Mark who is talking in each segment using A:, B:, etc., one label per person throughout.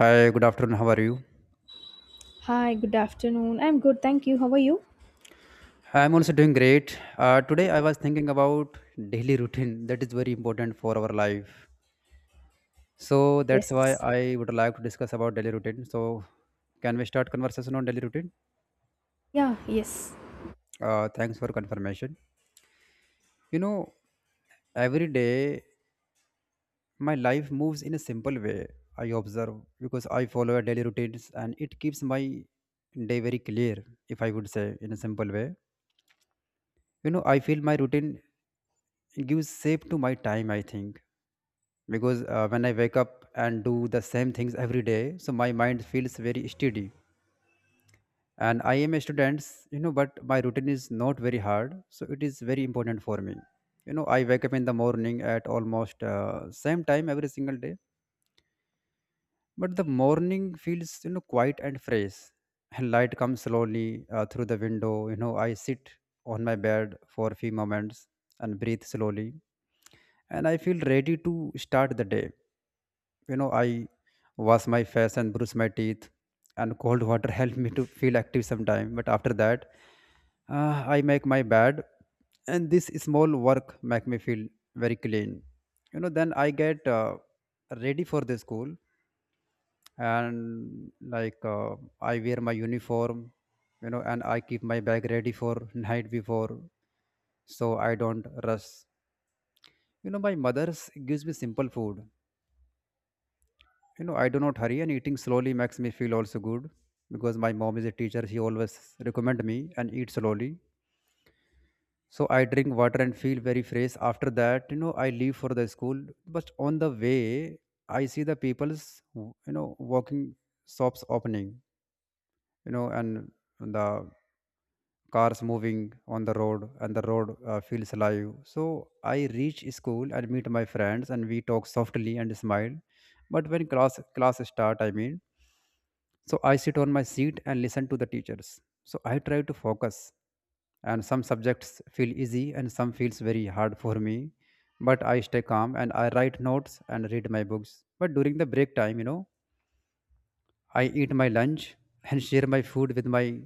A: Hi, good afternoon. How are you?
B: Hi, good afternoon. I'm good, thank you. How are you?
A: I'm also doing great. Today I was thinking about daily routine that is very important for our life. So that's
B: Yes.
A: why I would like to discuss about daily routine. So can we start conversation on daily routine?
B: Yeah, yes.
A: Thanks for confirmation. You know, every day my life moves in a simple way. I observe because I follow a daily routines and it keeps my day very clear. If I would say in a simple way, I feel my routine gives shape to my time. I think because when I wake up and do the same things every day, so my mind feels very steady. And I am a student, but my routine is not very hard, so it is very important for me. I wake up in the morning at almost same time every single day, but the morning feels, quiet and fresh, and light comes slowly through the window. I sit on my bed for a few moments and breathe slowly, and I feel ready to start the day. I wash my face and brush my teeth, and cold water helps me to feel active sometime. But after that, I make my bed, and this small work make me feel very clean. Then I get ready for the school, and like I wear my uniform, and I keep my bag ready for night before, so I don't rush. My mother's gives me simple food. I do not hurry, and eating slowly makes me feel also good because my mom is a teacher. She always recommend me and eat slowly. So I drink water and feel very fresh. After that, I leave for the school. But on the way, I see the people's, walking shops opening, and the cars moving on the road, and the road feels alive. So I reach school and meet my friends, and we talk softly and smile. But when class start, I mean, so I sit on my seat and listen to the teachers, so I try to focus. And some subjects feel easy and some feels very hard for me, but I stay calm and I write notes and read my books. But during the break time, I eat my lunch and share my food with my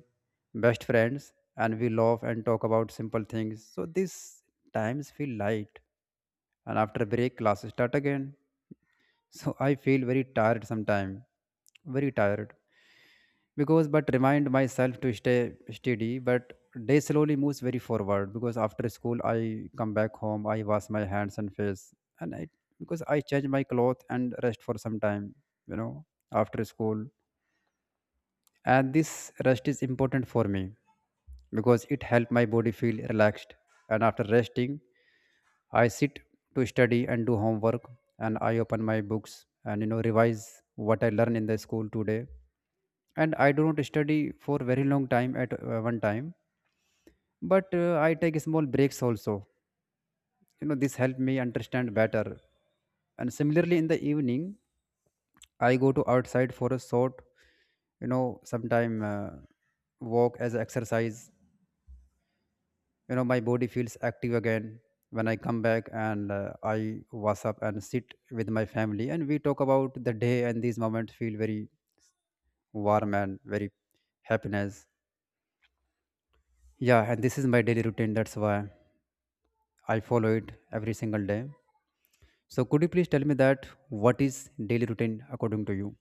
A: best friends, and we laugh and talk about simple things. So these times feel light, and after break, classes start again. So I feel very tired sometime, very tired, because but remind myself to stay steady. But day slowly moves very forward because after school I come back home. I wash my hands and face, and I because I change my clothes and rest for some time. You know, after school, and this rest is important for me because it helps my body feel relaxed. And after resting, I sit to study and do homework, and I open my books and revise what I learned in the school today. And I do not study for very long time at one time, but I take small breaks also. This helped me understand better. And similarly, in the evening, I go to outside for a short, sometime walk as exercise. My body feels active again when I come back, and I wash up and sit with my family, and we talk about the day. And these moments feel very warm and very happiness. Yeah, and this is my daily routine, that's why I follow it every single day. So could you please tell me that what is daily routine according to you?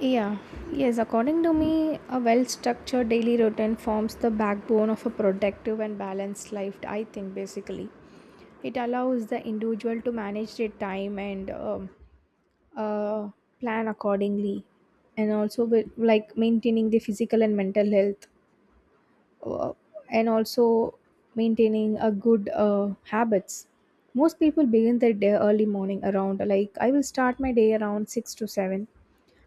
B: Yeah, yes. According to me, a well structured daily routine forms the backbone of a productive and balanced life, I think, basically. It allows the individual to manage their time and uh, plan accordingly, and also with, like maintaining the physical and mental health. uh, and also maintaining a good habits. Most people begin their day early morning around, like, I will start my day around 6 to 7,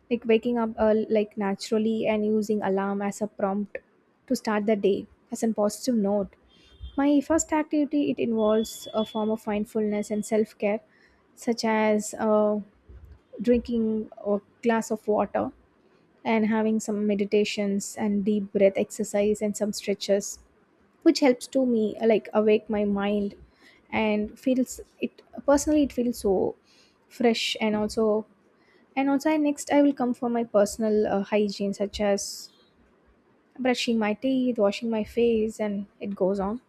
B: like waking up like naturally and using alarm as a prompt to start the day as a positive note. My first activity, it involves a form of mindfulness and self-care, such as drinking a glass of water and having some meditations and deep breath exercise and some stretches, which helps to me like awake my mind, and feels it, personally it feels so fresh. And also next I will come for my personal hygiene, such as brushing my teeth, washing my face, and it goes on.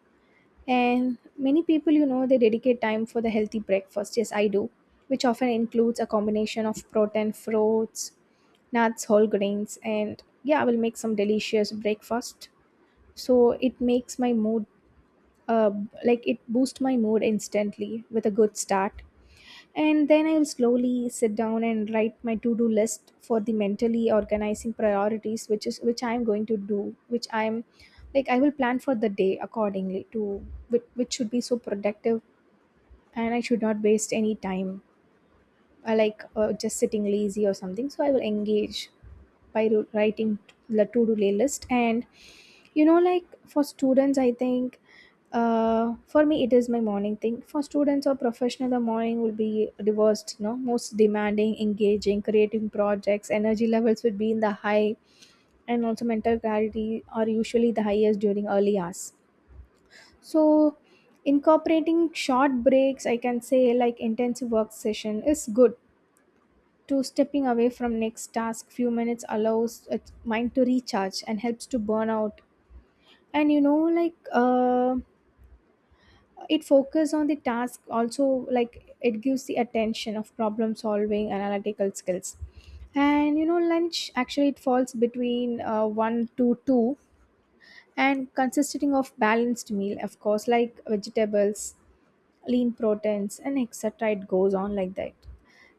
B: And many people, you know, they dedicate time for the healthy breakfast. Yes, I do, which often includes a combination of protein, fruits, nuts, whole grains. And yeah, I will make some delicious breakfast, so it makes my mood uh, like it boosts my mood instantly with a good start. And then I'll slowly sit down and write my to-do list for the mentally organizing priorities, which is, which I'm going to do, which I'm like I will plan for the day accordingly to which should be so productive, and I should not waste any time. I like just sitting lazy or something, so I will engage by writing the to-do list. And, you know, like, for students, I think for me it is my morning thing. For students or professional, the morning will be reversed, no? Most demanding, engaging, creating projects, energy levels would be in the high, and also mental clarity are usually the highest during early hours. So incorporating short breaks, I can say, like intensive work session is good, to stepping away from next task few minutes allows mind to recharge and helps to burn out. And, you know, like uh, it focuses on the task also, like it gives the attention of problem solving, analytical skills. And, you know, lunch actually it falls between 1 to 2, and consisting of balanced meal of course, like vegetables, lean proteins, and etc., it goes on like that.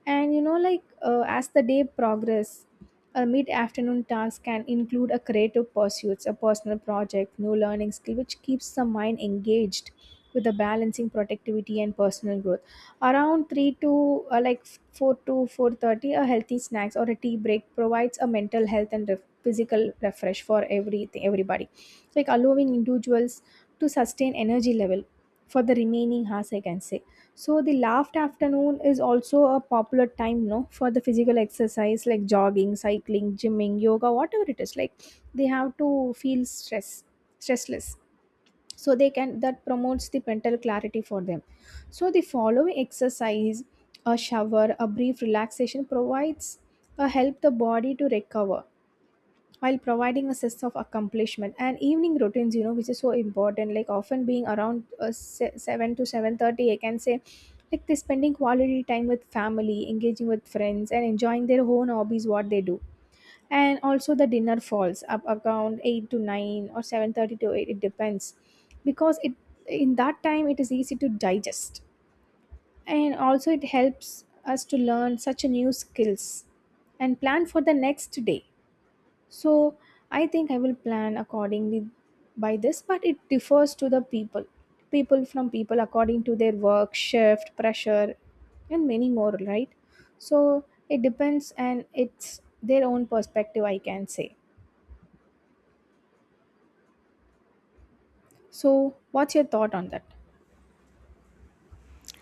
B: And, you know, as the day progress, a mid-afternoon task can include a creative pursuits, a personal project, new learning skill, which keeps the mind engaged with the balancing productivity and personal growth. Around three to like 4 to 4:30, a healthy snacks or a tea break provides a mental health and physical refresh for everything, everybody, like allowing individuals to sustain energy level for the remaining hours, I can say. So the last afternoon is also a popular time, no, for the physical exercise, like jogging, cycling, gymming, yoga, whatever it is. Like they have to feel stress, stressless. So they can, that promotes the mental clarity for them. So the following exercise, a shower, a brief relaxation provides a help the body to recover, while providing a sense of accomplishment. And evening routines, you know, which is so important, like often being around 7 to 7:30, I can say, like they're spending quality time with family, engaging with friends, and enjoying their own hobbies, what they do. And also the dinner falls up around 8 to 9 or 7:30 to 8, it depends, because it, in that time it is easy to digest. And also it helps us to learn such a new skills and plan for the next day. So I think I will plan accordingly by this, but it differs to the people, people from people according to their work, shift, pressure, and many more, right? So it depends, and it's their own perspective, I can say. So what's your thought on that?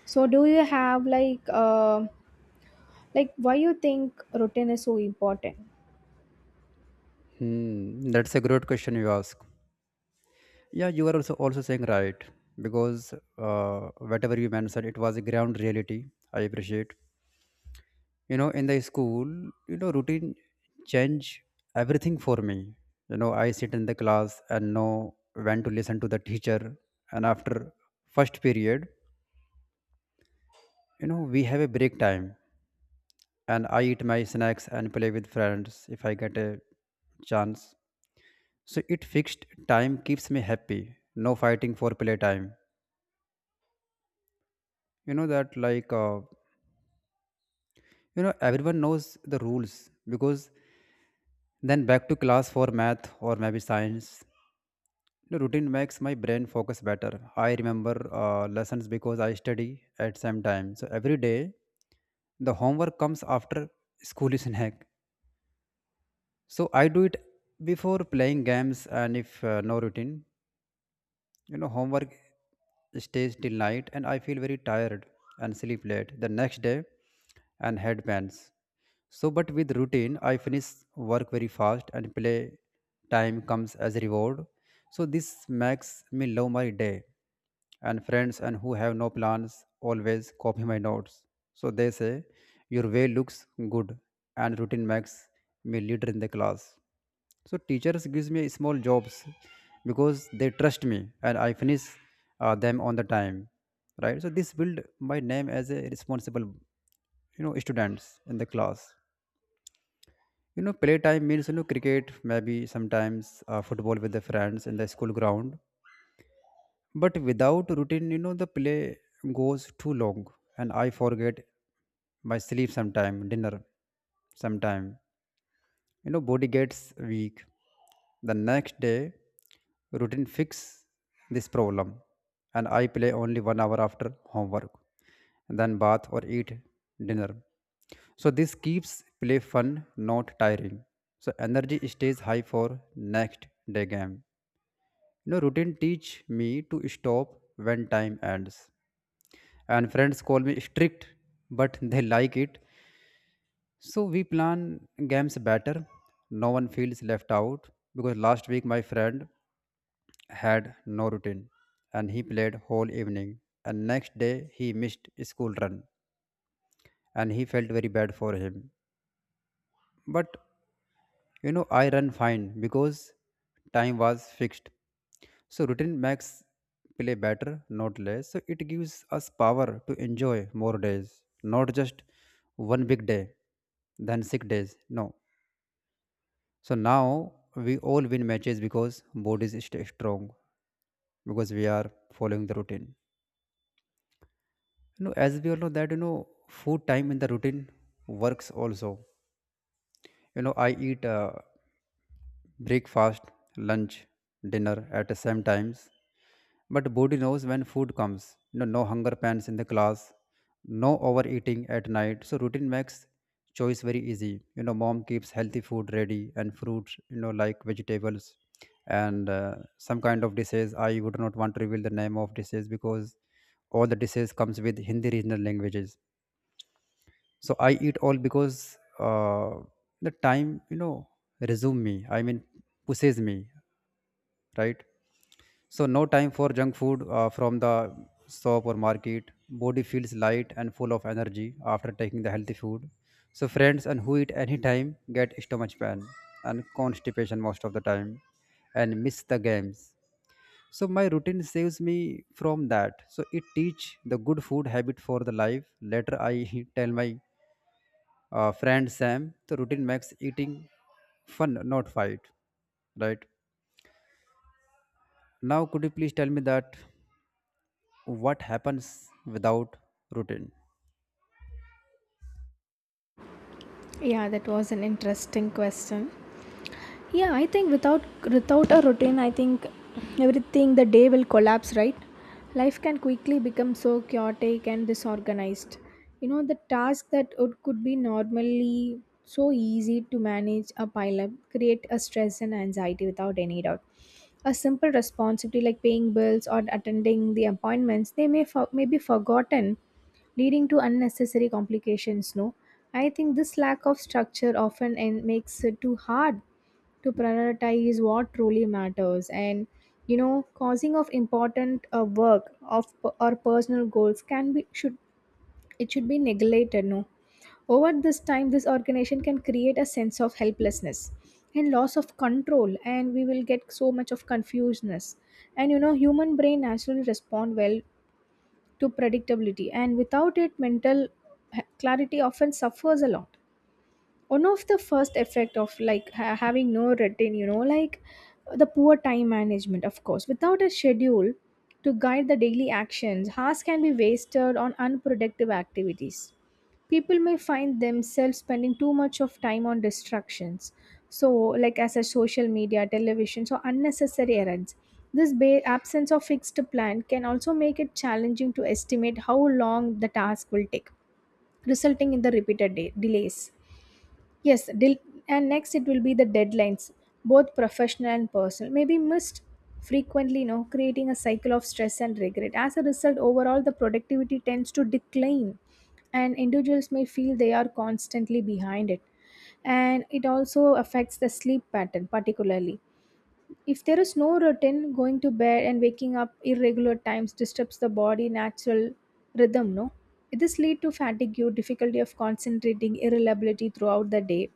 B: So do you have like why you think routine is so important?
A: That's a great question you ask. Yeah, you are also saying right because uh, whatever you mentioned, it was a ground reality. I appreciate. In the school, routine change everything for me. I sit in the class and know when to listen to the teacher. And after first period, we have a break time, and I eat my snacks and play with friends if I get a chance. So it fixed time keeps me happy, no fighting for play time. You know that Like everyone knows the rules, because then back to class for math or maybe science. The routine makes my brain focus better. I remember lessons because I study at same time. So every day the homework comes after school is snack. So I do it before playing games. And if no routine, homework stays till night and I feel very tired and sleep late the next day and head pains. So, but with routine, I finish work very fast and play time comes as a reward. So, this makes me love my day. And friends and who have no plans always copy my notes. So, they say, your way looks good, and routine makes me leader in the class. So, teachers gives me small jobs because they trust me and I finish them on the time. Right? So, this build my name as a responsible, students in the class. Playtime means, cricket, maybe sometimes football with the friends in the school ground. But without routine, the play goes too long and I forget my sleep sometime, dinner sometime. Body gets weak. The next day, routine fix this problem and I play only 1 hour after homework, then bath or eat dinner. So this keeps play fun, not tiring. So energy stays high for next day game. Routine teach me to stop when time ends. And friends call me strict, but they like it. So we plan games better. No one feels left out because last week my friend had no routine and he played whole evening and next day he missed school run and he felt very bad for him. But I run fine because time was fixed. So routine makes play better, not less. So it gives us power to enjoy more days, not just one big day, then 6 days. No. So now we all win matches because bodies stay strong because we are following the routine. As we all know that, food time in the routine works also. I eat breakfast, lunch, dinner at the same times. But body knows when food comes. No hunger pains in the class, no overeating at night. So routine makes choice very easy. Mom keeps healthy food ready and fruit. Like vegetables and some kind of dishes. I would not want to reveal the name of dishes because all the dishes comes with Hindi regional languages. So I eat all because the time, resume me. I mean, pushes me. Right? So no time for junk food from the shop or market. Body feels light and full of energy after taking the healthy food. So friends and who eat any time get stomach pain and constipation most of the time and miss the games. So my routine saves me from that. So it teach the good food habit for the life. Later I tell my friend Sam the routine makes eating fun, not fight. Right? Now could you please tell me that what happens without routine?
B: Yeah, that was an interesting question. Yeah, I think without a routine, I think everything the day will collapse, right? Life can quickly become so chaotic and disorganized. You know, the task that would could be normally so easy to manage a pile up, create a stress and anxiety without any doubt. A simple responsibility like paying bills or attending the appointments, they may for, may be forgotten, leading to unnecessary complications, no? I think this lack of structure often and makes it too hard to prioritize what truly matters, and, you know, causing of important work of or personal goals can be should, it should be neglected, no? Over this time, this organization can create a sense of helplessness and loss of control, and we will get so much of confusedness. And, you know, human brain naturally respond well to predictability, and without it mental clarity often suffers a lot. One of the first effect of, like, having no routine, you know, like the poor time management of course. Without a schedule to guide the daily actions, hours can be wasted on unproductive activities. People may find themselves spending too much of time on distractions, so like as a social media, television, so unnecessary errands. This absence of fixed plan can also make it challenging to estimate how long the task will take, resulting in the repeated delays. Yes, and next it will be the deadlines, both professional and personal, may be missed frequently, you know, creating a cycle of stress and regret. As a result, overall, the productivity tends to decline, and individuals may feel they are constantly behind it. And it also affects the sleep pattern, particularly. If there is no routine, going to bed and waking up irregular times disturbs the body natural rhythm, no? This lead to fatigue, difficulty of concentrating, irritability throughout the day.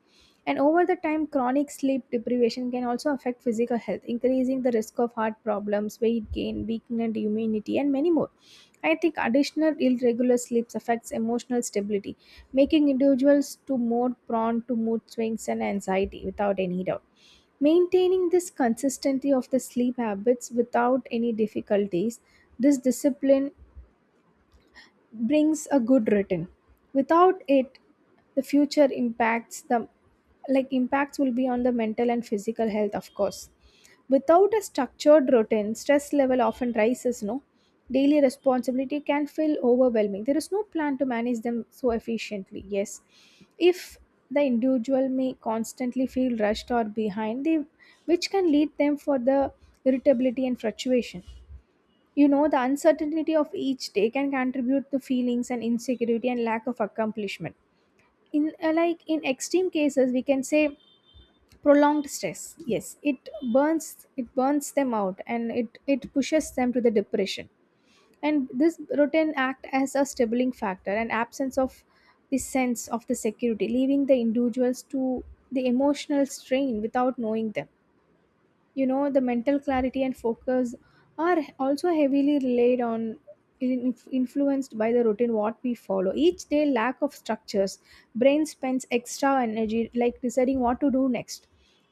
B: And over the time, chronic sleep deprivation can also affect physical health, increasing the risk of heart problems, weight gain, weakened immunity, and many more. I think additional irregular sleeps affects emotional stability, making individuals to more prone to mood swings and anxiety without any doubt. Maintaining this consistency of the sleep habits without any difficulties, this discipline brings a good return. Without it, the future impacts the, like, impacts will be on the mental and physical health, of course. Without a structured routine, stress level often rises, no? Daily responsibility can feel overwhelming, there is no plan to manage them so efficiently. Yes, if the individual may constantly feel rushed or behind they, which can lead them for the irritability and fluctuation. You know, the uncertainty of each day can contribute to feelings and insecurity and lack of accomplishment. In like, in extreme cases, we can say prolonged stress. Yes, it burns them out, and it pushes them to the depression. And this routine act as a stabling factor, and absence of the sense of the security, leaving the individuals to the emotional strain without knowing them. You know, the mental clarity and focus are also heavily relied on, influenced by the routine what we follow each day. Lack of structures, brain spends extra energy, like deciding what to do next,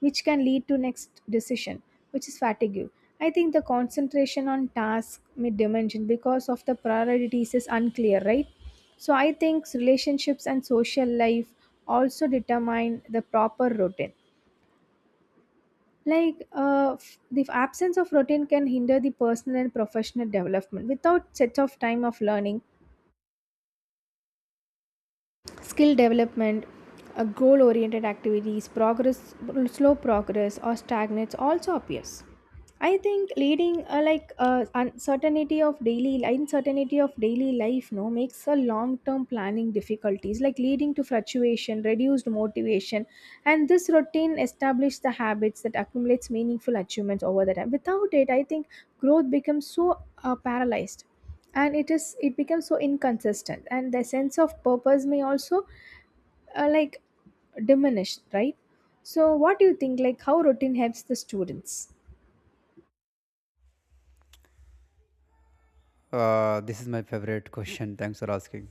B: which can lead to next decision, which is fatigue. I think the concentration on task mid dimension because of the priorities is unclear, right? So I think relationships and social life also determine the proper routine. Like the absence of routine can hinder the personal and professional development. Without sets of time of learning, skill development, a goal oriented activities progress, slow progress or stagnates also appears. I think leading, uncertainty of daily life, no, makes a long term planning difficulties, like leading to fluctuation, reduced motivation. And this routine establishes the habits that accumulates meaningful achievements over the time. Without it, I think growth becomes so paralyzed, and it is, it becomes so inconsistent, and the sense of purpose may also like diminish, right? So what do you think, like, how routine helps the students?
A: This is my favorite question. Thanks for asking.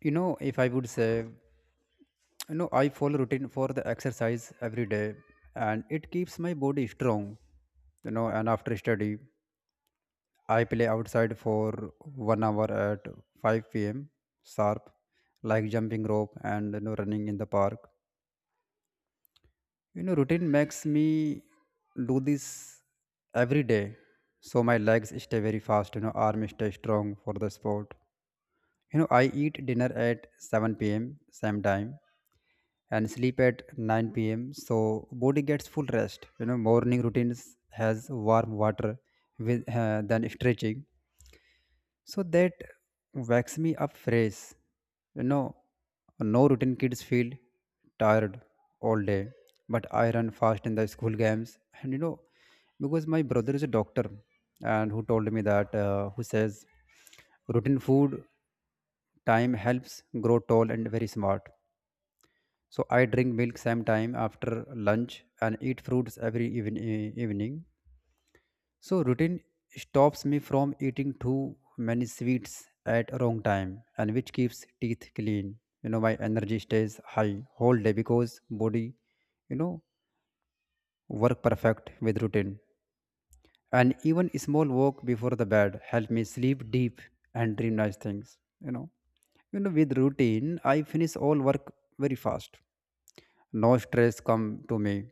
A: If I would say, I follow routine for the exercise every day and it keeps my body strong. And after study I play outside for 1 hour at 5 p.m sharp, like jumping rope and running in the park. Routine makes me do this every day. So my legs stay very fast, arms stay strong for the sport. I eat dinner at 7 p.m. same time and sleep at 9 p.m. So body gets full rest. Morning routines has warm water with than stretching so that wakes me up fresh. You know, no routine kids feel tired all day, but I run fast in the school games. And because my brother is a doctor, and who told me that who says routine food time helps grow tall and very smart. So I drink milk same time after lunch and eat fruits every evening. So routine stops me from eating too many sweets at wrong time, and which keeps teeth clean. My energy stays high whole day because body, you know, work perfect with routine. And even a small walk before the bed help me sleep deep and dream nice things. You know, with routine, I finish all work very fast. No stress come to me.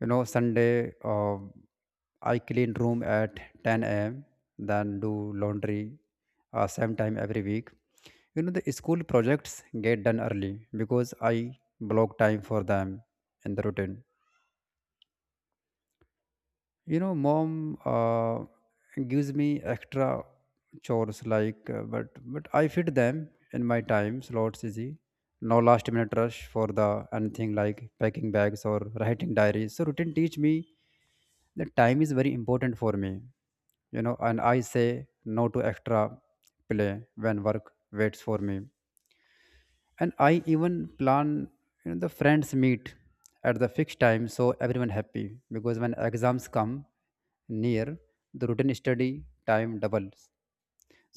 A: You know, Sunday, uh, I clean room at 10 a.m., then do laundry, same time every week. You know, the school projects get done early because I block time for them in the routine. You know, mom, uh, gives me extra chores like, but I fit them in my time slots easy. No last minute rush for the anything like packing bags or writing diaries. So routine teach me that time is very important for me, you know, and I say no to extra play when work waits for me. And I even plan, you know, the friends meet at the fixed time, so everyone happy. Because when exams come near, the routine study time doubles,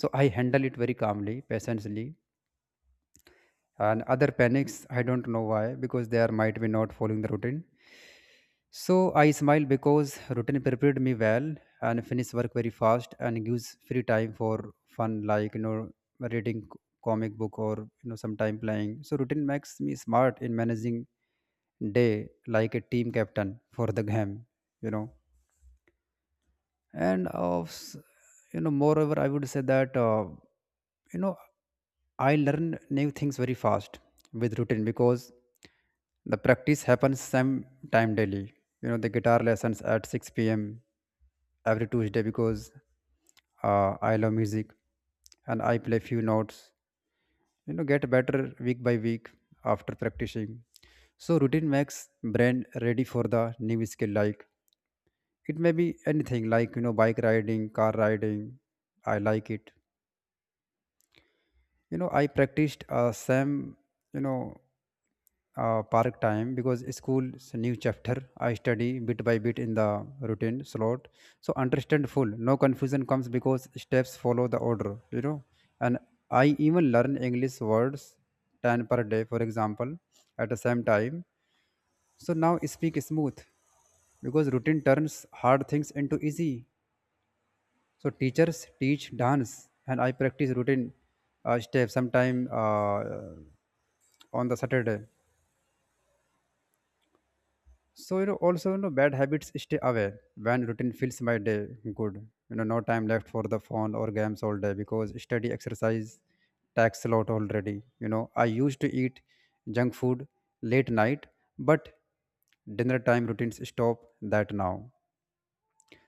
A: so I handle it very calmly, patiently, and other panics. I don't know why, because they are might be not following the routine. So I smile because routine prepared me well and finish work very fast and gives free time for fun like, you know, reading comic book or, you know, sometime playing. So routine makes me smart in managing day like a team captain for the game, you know. and of s- you know, moreover, I would say that you know, I learn new things very fast with routine because the practice happens same time daily. You know, the guitar lessons at 6 p.m. every Tuesday because, I love music, and I play few notes, you know, get better week by week after practicing. So routine makes brain ready for the new skill like it may be anything like, you know, bike riding, car riding. I like it. You know, I practiced, same, you know park time. Because school's new chapter, I study bit by bit in the routine slot, so understand full. No confusion comes because steps follow the order, you know. And I even learn English words, 10 per day for example, at the same time, so now speak smooth because routine turns hard things into easy. So teachers teach dance, and I practice routine steps sometime, on the Saturday. So you know, also you know, bad habits stay away when routine fills my day good. You know, no time left for the phone or games all day because study, exercise tax a lot already. You know, I used to eat junk food late night, but dinner time routines stop that now.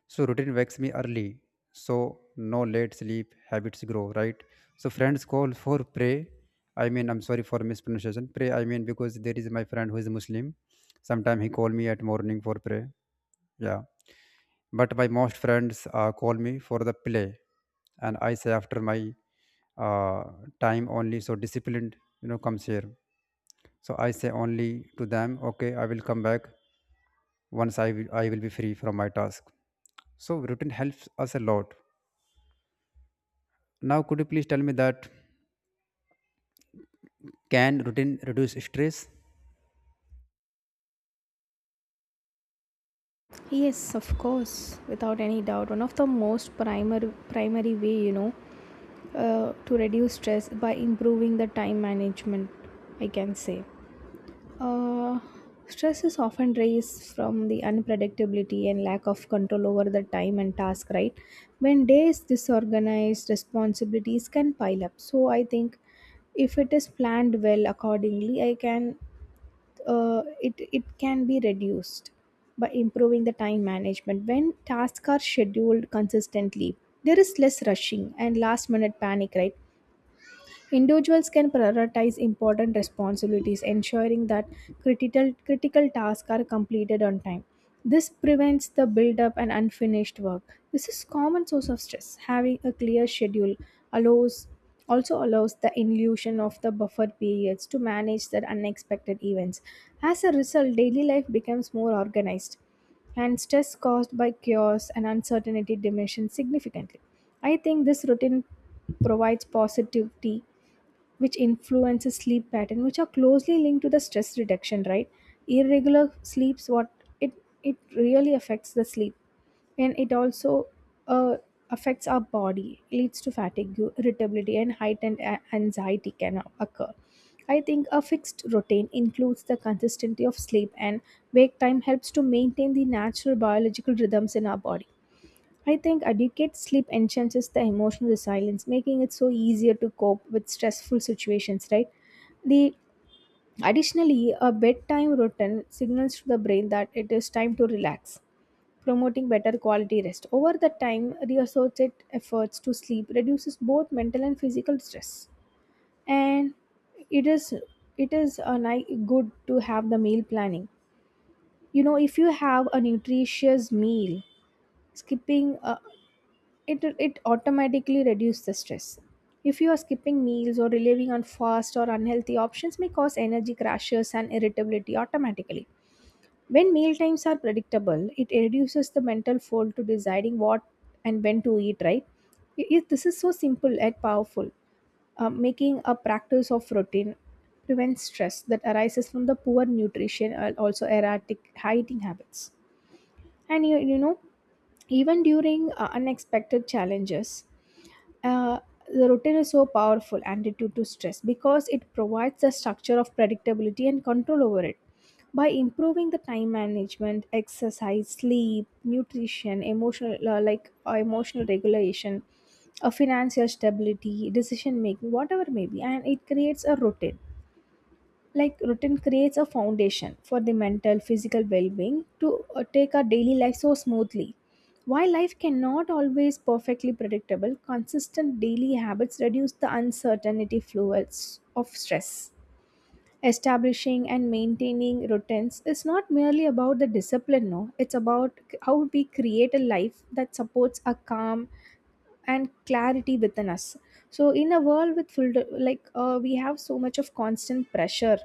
A: So routine wakes me early, so no late sleep habits grow, right? So friends call for pray. I mean, I'm sorry for mispronunciation. Pray. I mean, because there is my friend who is Muslim. Sometime he call me at morning for pray. Yeah, but my most friends, call me for the play, and I say after my, uh, time only. So disciplined, you know, comes here. So I say only to them, okay, I will come back once I will be free from my task. So routine helps us a lot. Now, could you please tell me that can routine reduce stress?
B: Yes, of course, without any doubt. One of the most primary way, you know, to reduce stress by improving the time management, I can say. Uh, Stress is often raised from the unpredictability and lack of control over the time and task, right? When day is disorganized, responsibilities can pile up. So I think if it is planned well accordingly, I can it can be reduced by improving the time management. When tasks are scheduled consistently, there is less rushing and last minute panic, right? Individuals can prioritize important responsibilities, ensuring that critical tasks are completed on time. This prevents the buildup and unfinished work. This is common source of stress. Having a clear schedule allows also allows the illusion of the buffer periods to manage the unexpected events. As a result, daily life becomes more organized, and stress caused by chaos and uncertainty diminishes significantly. I think this routine provides positivity which influences sleep pattern which are closely linked to the stress reduction, right? Irregular sleeps, what, it it really affects the sleep, and it also uh, affects our body, leads to fatigue, irritability, and heightened anxiety can occur. I think a fixed routine includes the consistency of sleep and wake time, helps to maintain the natural biological rhythms in our body. I think adequate sleep enhances the emotional resilience, making it so easier to cope with stressful situations, right? The Additionally, a bedtime routine signals to the brain that it is time to relax, promoting better quality rest. Over the time, reassorted efforts to sleep reduces both mental and physical stress. And it is it is a good to have the meal planning. You know, if you have a nutritious meal, skipping a, it automatically reduces the stress. If you are skipping meals or relying on fast or unhealthy options, may cause energy crashes and irritability automatically. When meal times are predictable, it reduces the mental fold to deciding what and when to eat, right? This is so simple and powerful. Making a practice of routine prevents stress that arises from the poor nutrition and also erratic eating habits. And you know, even during unexpected challenges, uh, the routine is so powerful antidote to stress because it provides a structure of predictability and control over it. By improving the time management, exercise, sleep, nutrition, emotional emotional regulation, a financial stability, decision making, whatever may be, and it creates a routine. Like routine creates a foundation for the mental physical well-being to take our daily life so smoothly. While life cannot always perfectly predictable, consistent daily habits reduce the uncertainty fluids of stress. Establishing and maintaining routines is not merely about the discipline, no, it's about how we create a life that supports a calm and clarity within us. So in a world with full, like, we have so much of constant pressure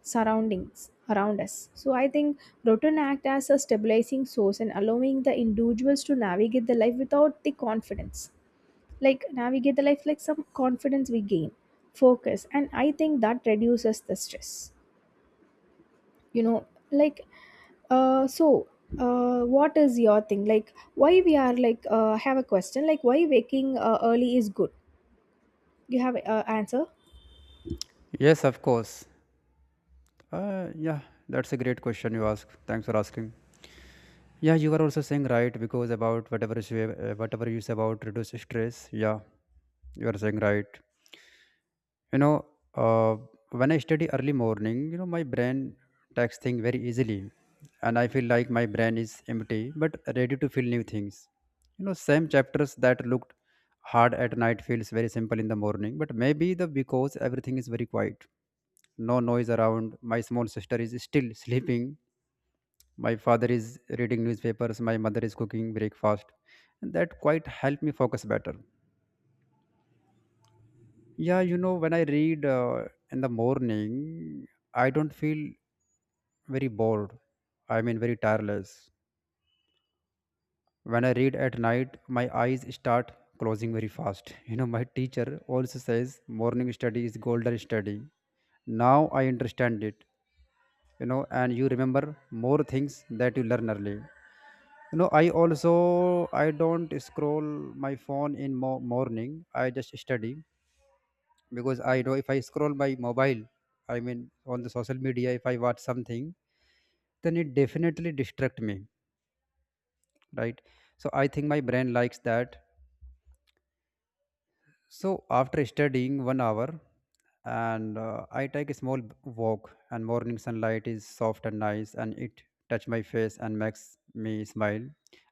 B: surroundings around us. So I think routine act as a stabilizing source and allowing the individuals to navigate the life without the confidence. Like navigate the life, like some confidence we gain, focus, and I think that reduces the stress. You know, like uh so what is your thing, like why we are, like, have a question, like why waking early is good? You have a answer?
A: Yes, of course. Yeah, that's a great question you ask. Thanks for asking. Yeah, you are also saying right, because about whatever you say about reduce stress. Yeah, you are saying right. you know uh, when I study early morning, you know, my brain takes things very easily, and I feel like my brain is empty but ready to feel new things. You know, same chapters that looked hard at night feels very simple in the morning, but maybe the because everything is very quiet. No noise around. My small sister is still sleeping. My father is reading newspapers. My mother is cooking breakfast. And that quite helped me focus better. Yeah, you know, when I read, in the morning, I don't feel very bored. I mean, very tireless. When I read at night, my eyes start closing very fast. You know, my teacher also says morning study is golden study. Now I understand it, you know, and you remember more things that you learn early. You know, I don't scroll my phone in morning. I just study because I know if I scroll my mobile, I mean on the social media, if I watch something, then it definitely distract me, right? So I think my brain likes that. So after studying 1 hour, and I take a small walk, and morning sunlight is soft and nice, and it touch my face and makes me smile,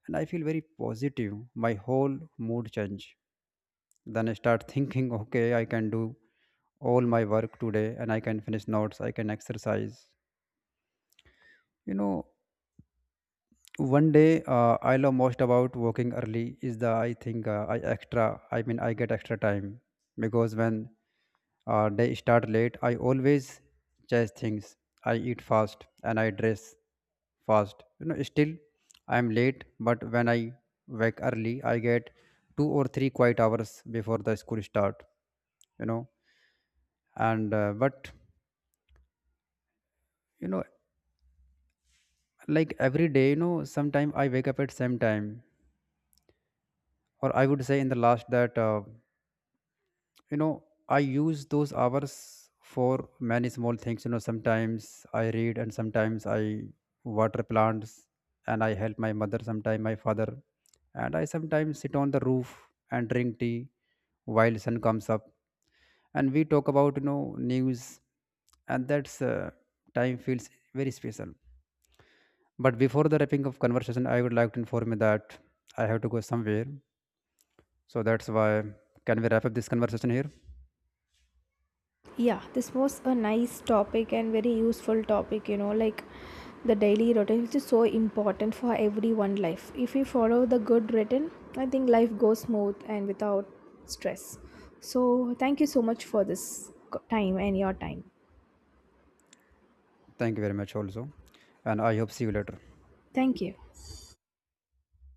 A: and I feel very positive. My whole mood change. Then I start thinking, okay, I can do all my work today, and I can finish notes, I can exercise, you know. One day, I love most about working early is the I think I extra I mean I get extra time because when, day start late, I always chase things. I eat fast and I dress fast, you know. Still I am late. But when I wake early, I get 2 or 3 quiet hours before the school start, you know. And but you know like every day, you know, sometime I wake up at same time, or I would say in the last that, you know I use those hours for many small things. You know, sometimes I read, and sometimes I water plants, and I help my mother, sometimes my father, and I sometimes sit on the roof and drink tea while sun comes up, and we talk about, you know, news. And that's, time feels very special. But before the wrapping of conversation, I would like to inform you that I have to go somewhere, so that's why can we wrap up this conversation here?
B: Yeah, this was a nice topic and very useful topic, you know, like the daily routine which is so important for everyone life. If we follow the good routine, I think life goes smooth and without stress. So thank you so much for this time and your time.
A: Thank you very much also, and I hope see you later.
B: Thank you.